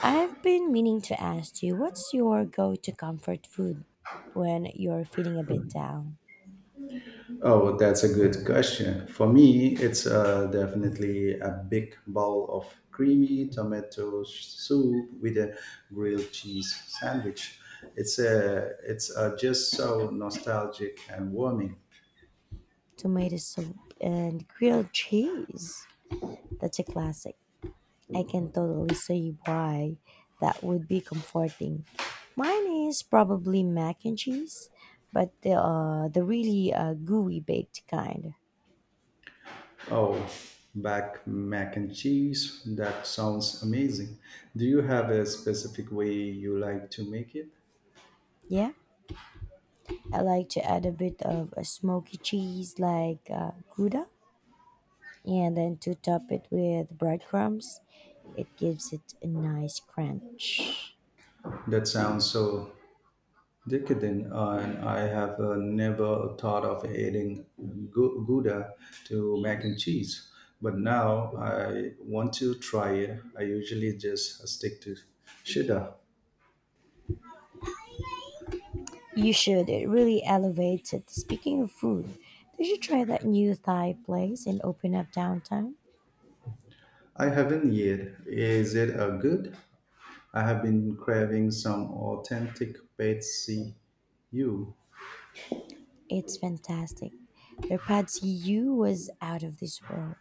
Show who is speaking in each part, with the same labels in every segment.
Speaker 1: I've been meaning to ask you, what's your go to comfort food when you're feeling a bit down?
Speaker 2: Oh, that's a good question. For me, it's definitely a big bowl of creamy tomato soup with a grilled cheese sandwich. It's just so nostalgic and warming.
Speaker 1: Tomato soup and grilled cheese. That's a classic. I can totally see why that would be comforting. Mine is probably mac and cheese, but the really gooey baked kind.
Speaker 2: Oh, back mac and cheese. That sounds amazing. Do you have a specific way you like to make it?
Speaker 1: Yeah, I like to add a bit of a smoky cheese like Gouda. Yeah, and then to top it with breadcrumbs, it gives it a nice crunch.
Speaker 2: That sounds so decadent, and I have never thought of adding Gouda to mac and cheese, but now I want to try it. I usually just stick to cheddar.
Speaker 1: You should, it really elevates it. Speaking of food, did you try that new Thai place in Open Up Downtown?
Speaker 2: I haven't yet. Is it a good? I have been craving some authentic Betsy you.
Speaker 1: It's fantastic. Their pad see ew was out of this world.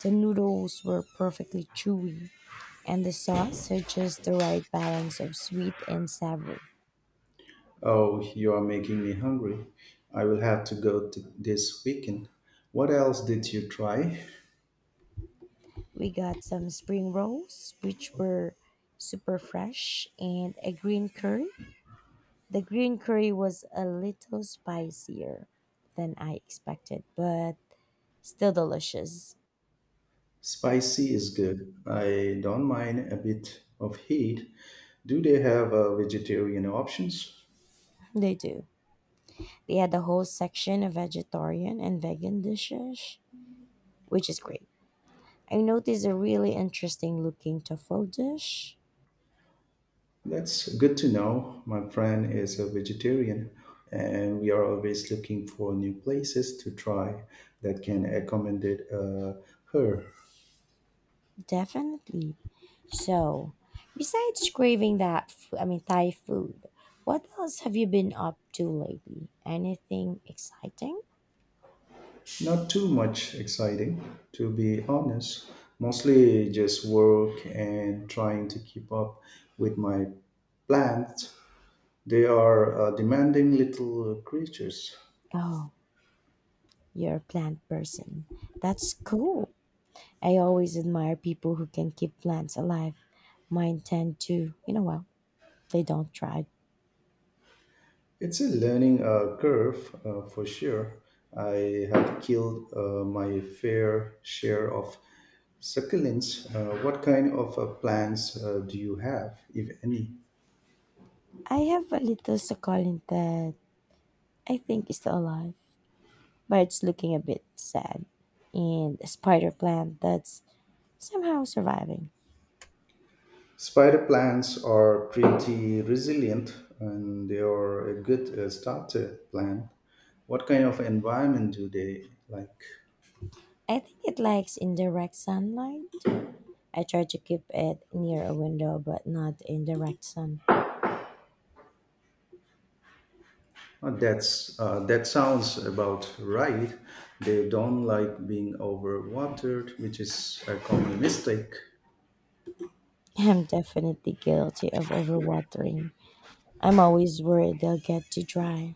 Speaker 1: The noodles were perfectly chewy, and the sauce had just the right balance of sweet and savory.
Speaker 2: Oh, you are making me hungry. I will have to go to this weekend. What else did you try?
Speaker 1: We got some spring rolls, which were super fresh, and a green curry. The green curry was a little spicier than I expected, but still delicious.
Speaker 2: Spicy is good. I don't mind a bit of heat. Do they have vegetarian options?
Speaker 1: They do. They had a whole section of vegetarian and vegan dishes, which is great. I noticed a really interesting looking tofu dish.
Speaker 2: That's good to know. My friend is a vegetarian, and we are always looking for new places to try that can accommodate her.
Speaker 1: Definitely. So, besides craving that, Thai food, what else have you been up to lately? Anything exciting?
Speaker 2: Not too much exciting, to be honest. Mostly just work and trying to keep up with my plants. They are demanding little creatures.
Speaker 1: Oh, you're a plant person. That's cool. I always admire people who can keep plants alive. Mine tend to, you know, well, they don't try.
Speaker 2: It's a learning curve for sure. I have killed my fair share of succulents. What kind of plants do you have, if any?
Speaker 1: I have a little succulent that I think is still alive, but it's looking a bit sad. And a spider plant that's somehow surviving.
Speaker 2: Spider plants are pretty resilient and they are a good starter plant. What kind of environment do they like?
Speaker 1: I think it likes indirect sunlight. I try to keep it near a window, but not in direct sun.
Speaker 2: That's that sounds about right. They don't like being overwatered, which is a common mistake.
Speaker 1: I'm definitely guilty of overwatering. I'm always worried they'll get too dry.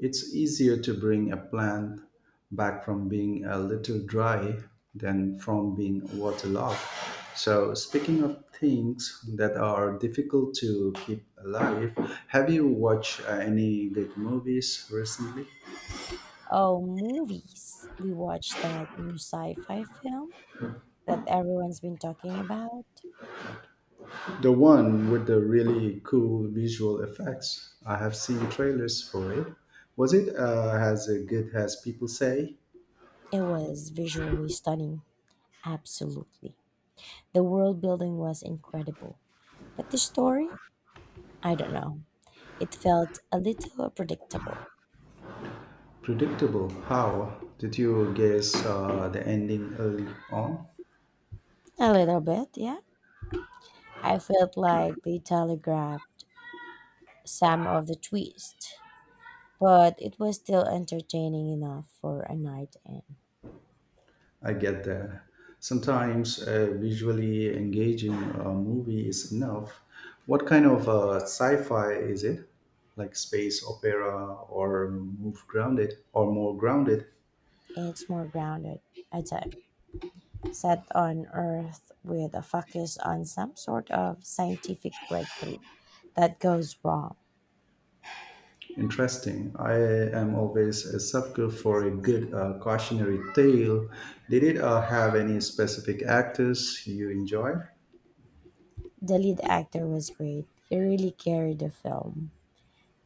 Speaker 2: It's easier to bring a plant back from being a little dry than from being waterlogged. So, speaking of things that are difficult to keep alive, have you watched any good movies recently?
Speaker 1: Oh, movies. We watched that new sci-fi film that everyone's been talking about.
Speaker 2: The one with the really cool visual effects. I have seen trailers for it. Was it as good as people say?
Speaker 1: It was visually stunning. Absolutely. The world building was incredible. But the story, I don't know. It felt a little predictable.
Speaker 2: Predictable. How? Did you guess the ending early on?
Speaker 1: A little bit, yeah. I felt like they telegraphed some of the twists, but it was still entertaining enough for a night in.
Speaker 2: I get that. Sometimes visually engaging movie is enough. What kind of sci-fi is it? Like space opera or move grounded or more grounded?
Speaker 1: It's more grounded, I'd say. Set on Earth with a focus on some sort of scientific breakthrough that goes wrong.
Speaker 2: Interesting. I am always a sucker for a good cautionary tale. Did it have any specific actors you enjoy?
Speaker 1: The lead actor was great. He really carried the film.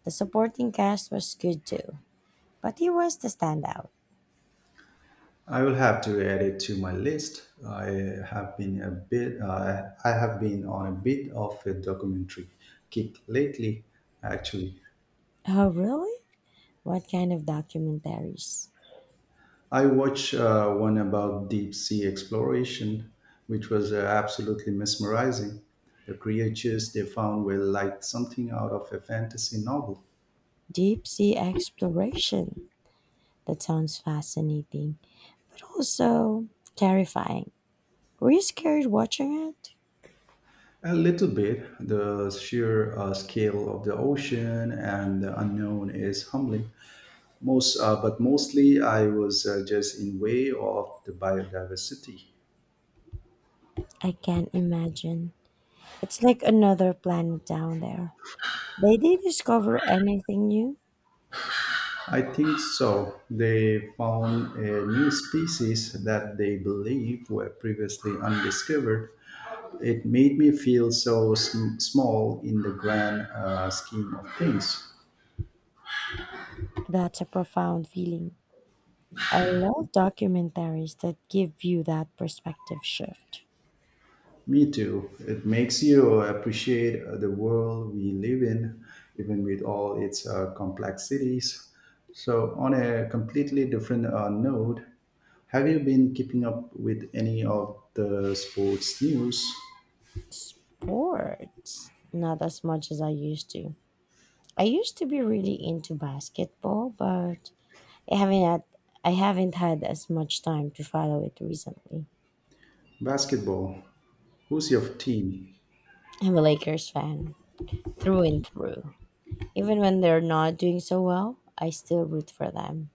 Speaker 1: The supporting cast was good too, but he was the standout.
Speaker 2: I will have to add it to my list. I have been on a bit of a documentary kick lately actually.
Speaker 1: Oh, really? What kind of documentaries?
Speaker 2: I watched one about deep sea exploration which was absolutely mesmerizing. The creatures they found were like something out of a fantasy novel.
Speaker 1: Deep sea exploration. That sounds fascinating, but also terrifying. Were you scared watching it?
Speaker 2: A little bit, the sheer scale of the ocean and the unknown is humbling. Most but mostly I was just in way of the biodiversity.
Speaker 1: I can't imagine. It's like another planet down there. Did you discover anything new?
Speaker 2: I think so, they found a new species that they believe were previously undiscovered. It made me feel so small in the grand scheme of things.
Speaker 1: That's a profound feeling. I love documentaries that give you that perspective shift.
Speaker 2: Me too. It makes you appreciate the world we live in, even with all its complexities. So, on a completely different note, have you been keeping up with any of the sports news?
Speaker 1: Sports, not as much as I used to. I used to be really into basketball, but I haven't had I haven't had as much time to follow it recently.
Speaker 2: Basketball. Who's your team?
Speaker 1: I'm a Lakers fan through and through. Even when they're not doing so well, I still root for them.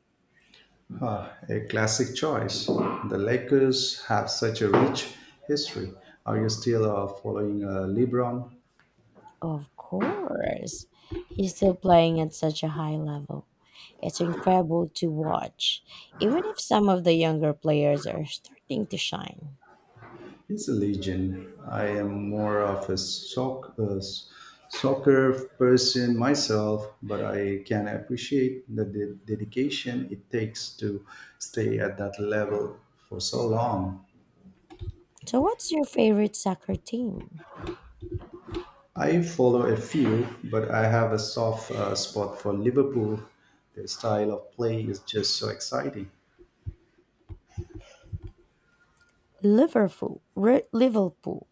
Speaker 2: Ah, a classic choice. The Lakers have such a rich history. Are you still following LeBron?
Speaker 1: Of course. He's still playing at such a high level. It's incredible to watch, even if some of the younger players are starting to shine.
Speaker 2: It's a legion. I am more of a soccer person myself, but I can appreciate the dedication it takes to stay at that level for so long.
Speaker 1: So, what's your favorite soccer team?
Speaker 2: I follow a few, but I have a soft spot for Liverpool. Their style of play is just so exciting.
Speaker 1: Liverpool.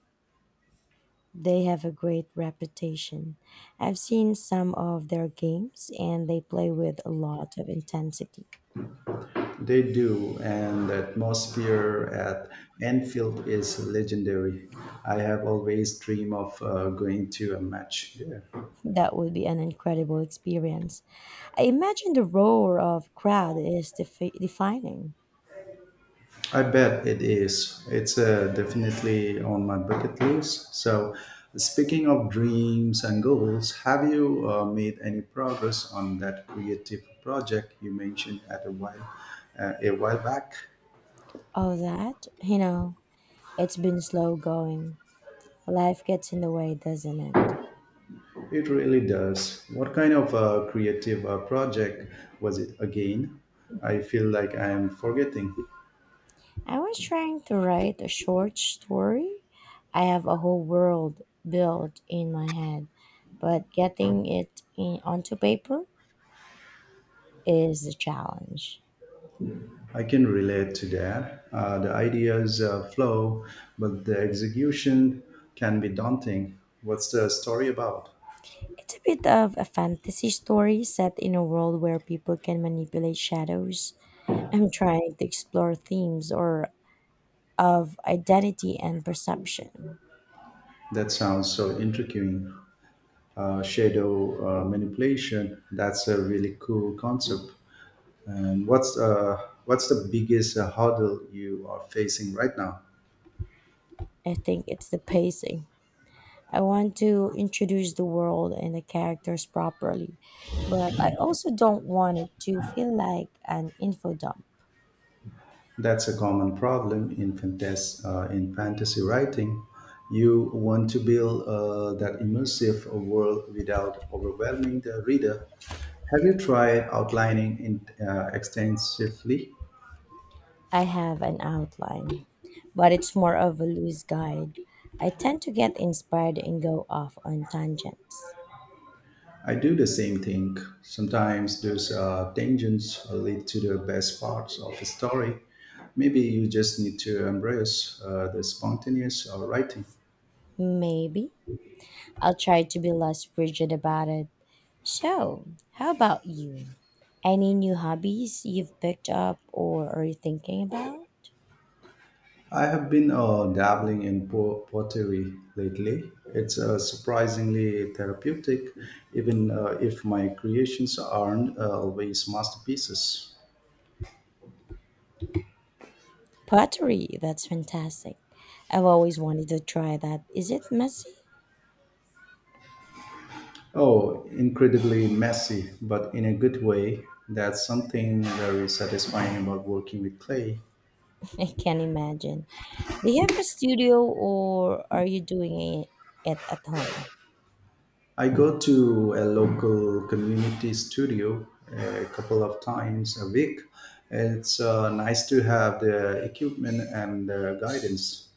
Speaker 1: They have a great reputation. I've seen some of their games and they play with a lot of intensity.
Speaker 2: They do, and the atmosphere at Anfield is legendary. I have always dreamed of going to a match there.
Speaker 1: That would be an incredible experience. I imagine the roar of crowd is defining.
Speaker 2: I bet it is. It's definitely on my bucket list. So, speaking of dreams and goals, have you made any progress on that creative project you mentioned at a while back?
Speaker 1: Oh, that? You know, it's been slow going. Life gets in the way, doesn't it?
Speaker 2: It really does. What kind of a creative project was it again? I feel like I am forgetting.
Speaker 1: I was trying to write a short story. I have a whole world built in my head, but getting onto paper is the challenge.
Speaker 2: I can relate to that. The ideas flow, but the execution can be daunting. What's the story about?
Speaker 1: It's a bit of a fantasy story set in a world where people can manipulate shadows. I'm trying to explore themes or of identity and perception.
Speaker 2: That sounds so intriguing. Shadow manipulation. That's a really cool concept. And what's the biggest hurdle you are facing right now?
Speaker 1: I think it's the pacing. I want to introduce the world and the characters properly, but I also don't want it to feel like an info dump.
Speaker 2: That's a common problem in fantasy writing. You want to build that immersive world without overwhelming the reader. Have you tried outlining in, extensively?
Speaker 1: I have an outline, but it's more of a loose guide. I tend to get inspired and go off on tangents.
Speaker 2: I do the same thing. Sometimes those tangents lead to the best parts of a story. Maybe you just need to embrace the spontaneous writing.
Speaker 1: Maybe I'll try to be less rigid about it. So, how about you? Any new hobbies you've picked up or are you thinking about?
Speaker 2: I have been dabbling in pottery lately. It's surprisingly therapeutic, even if my creations aren't always masterpieces.
Speaker 1: Pottery, that's fantastic. I've always wanted to try that. Is it messy?
Speaker 2: Oh, incredibly messy, but in a good way. That's something very satisfying about working with clay.
Speaker 1: I can't imagine. Do you have a studio or are you doing it at home?
Speaker 2: I go to a local community studio a couple of times a week. It's nice to have the equipment and the guidance.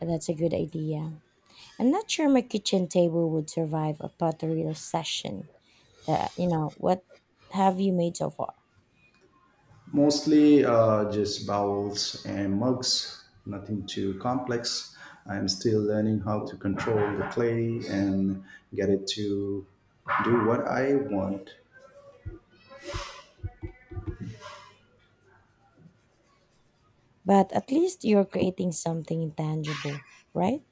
Speaker 1: That's a good idea. I'm not sure my kitchen table would survive a pottery session. What have you made so far?
Speaker 2: Mostly just bowls and mugs, nothing too complex. I'm still learning how to control the clay and get it to do what I want.
Speaker 1: But at least you're creating something intangible, right?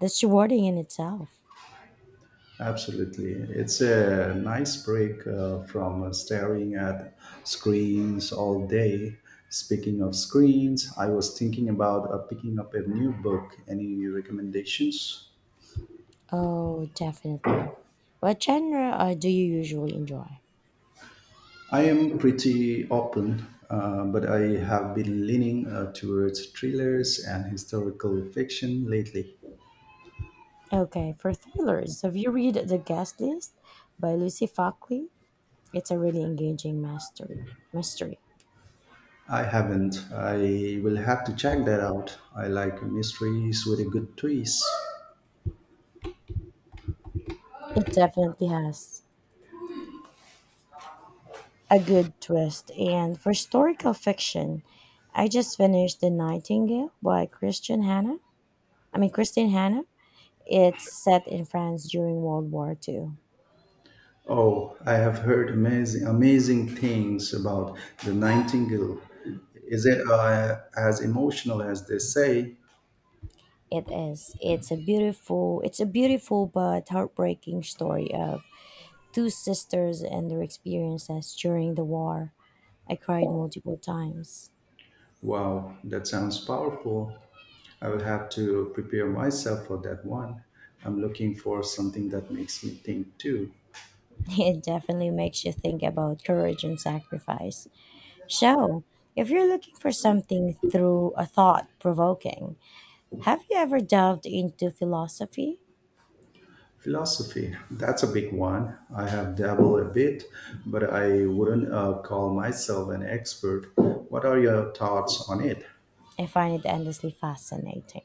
Speaker 1: That's rewarding in itself.
Speaker 2: Absolutely. It's a nice break from staring at screens all day. Speaking of screens, I was thinking about picking up a new book. Any recommendations?
Speaker 1: Oh, definitely. What genre do you usually enjoy?
Speaker 2: I am pretty open, but I have been leaning towards thrillers and historical fiction lately.
Speaker 1: Okay, for thrillers, have you read The Guest List by Lucy Fackley? It's a really engaging mastery mystery.
Speaker 2: I haven't. I will have to check that out. I like mysteries with a good twist.
Speaker 1: It definitely has a good twist. And for historical fiction, I just finished The Nightingale by Christian Hannah. I mean Christine Hannah. It's set in France during World War Two.
Speaker 2: Oh, I have heard amazing, amazing things about The Nightingale. Is it as emotional as they say?
Speaker 1: It is. It's a beautiful but heartbreaking story of two sisters and their experiences during the war. I cried multiple times.
Speaker 2: Wow, that sounds powerful. I will have to prepare myself for that one. I'm looking for something that makes me think too.
Speaker 1: It definitely makes you think about courage and sacrifice. So, if you're looking for something through a thought provoking, have you ever delved into philosophy?
Speaker 2: Philosophy, that's a big one. I have dabbled a bit, but I wouldn't call myself an expert. What are your thoughts on it?
Speaker 1: I find it endlessly fascinating.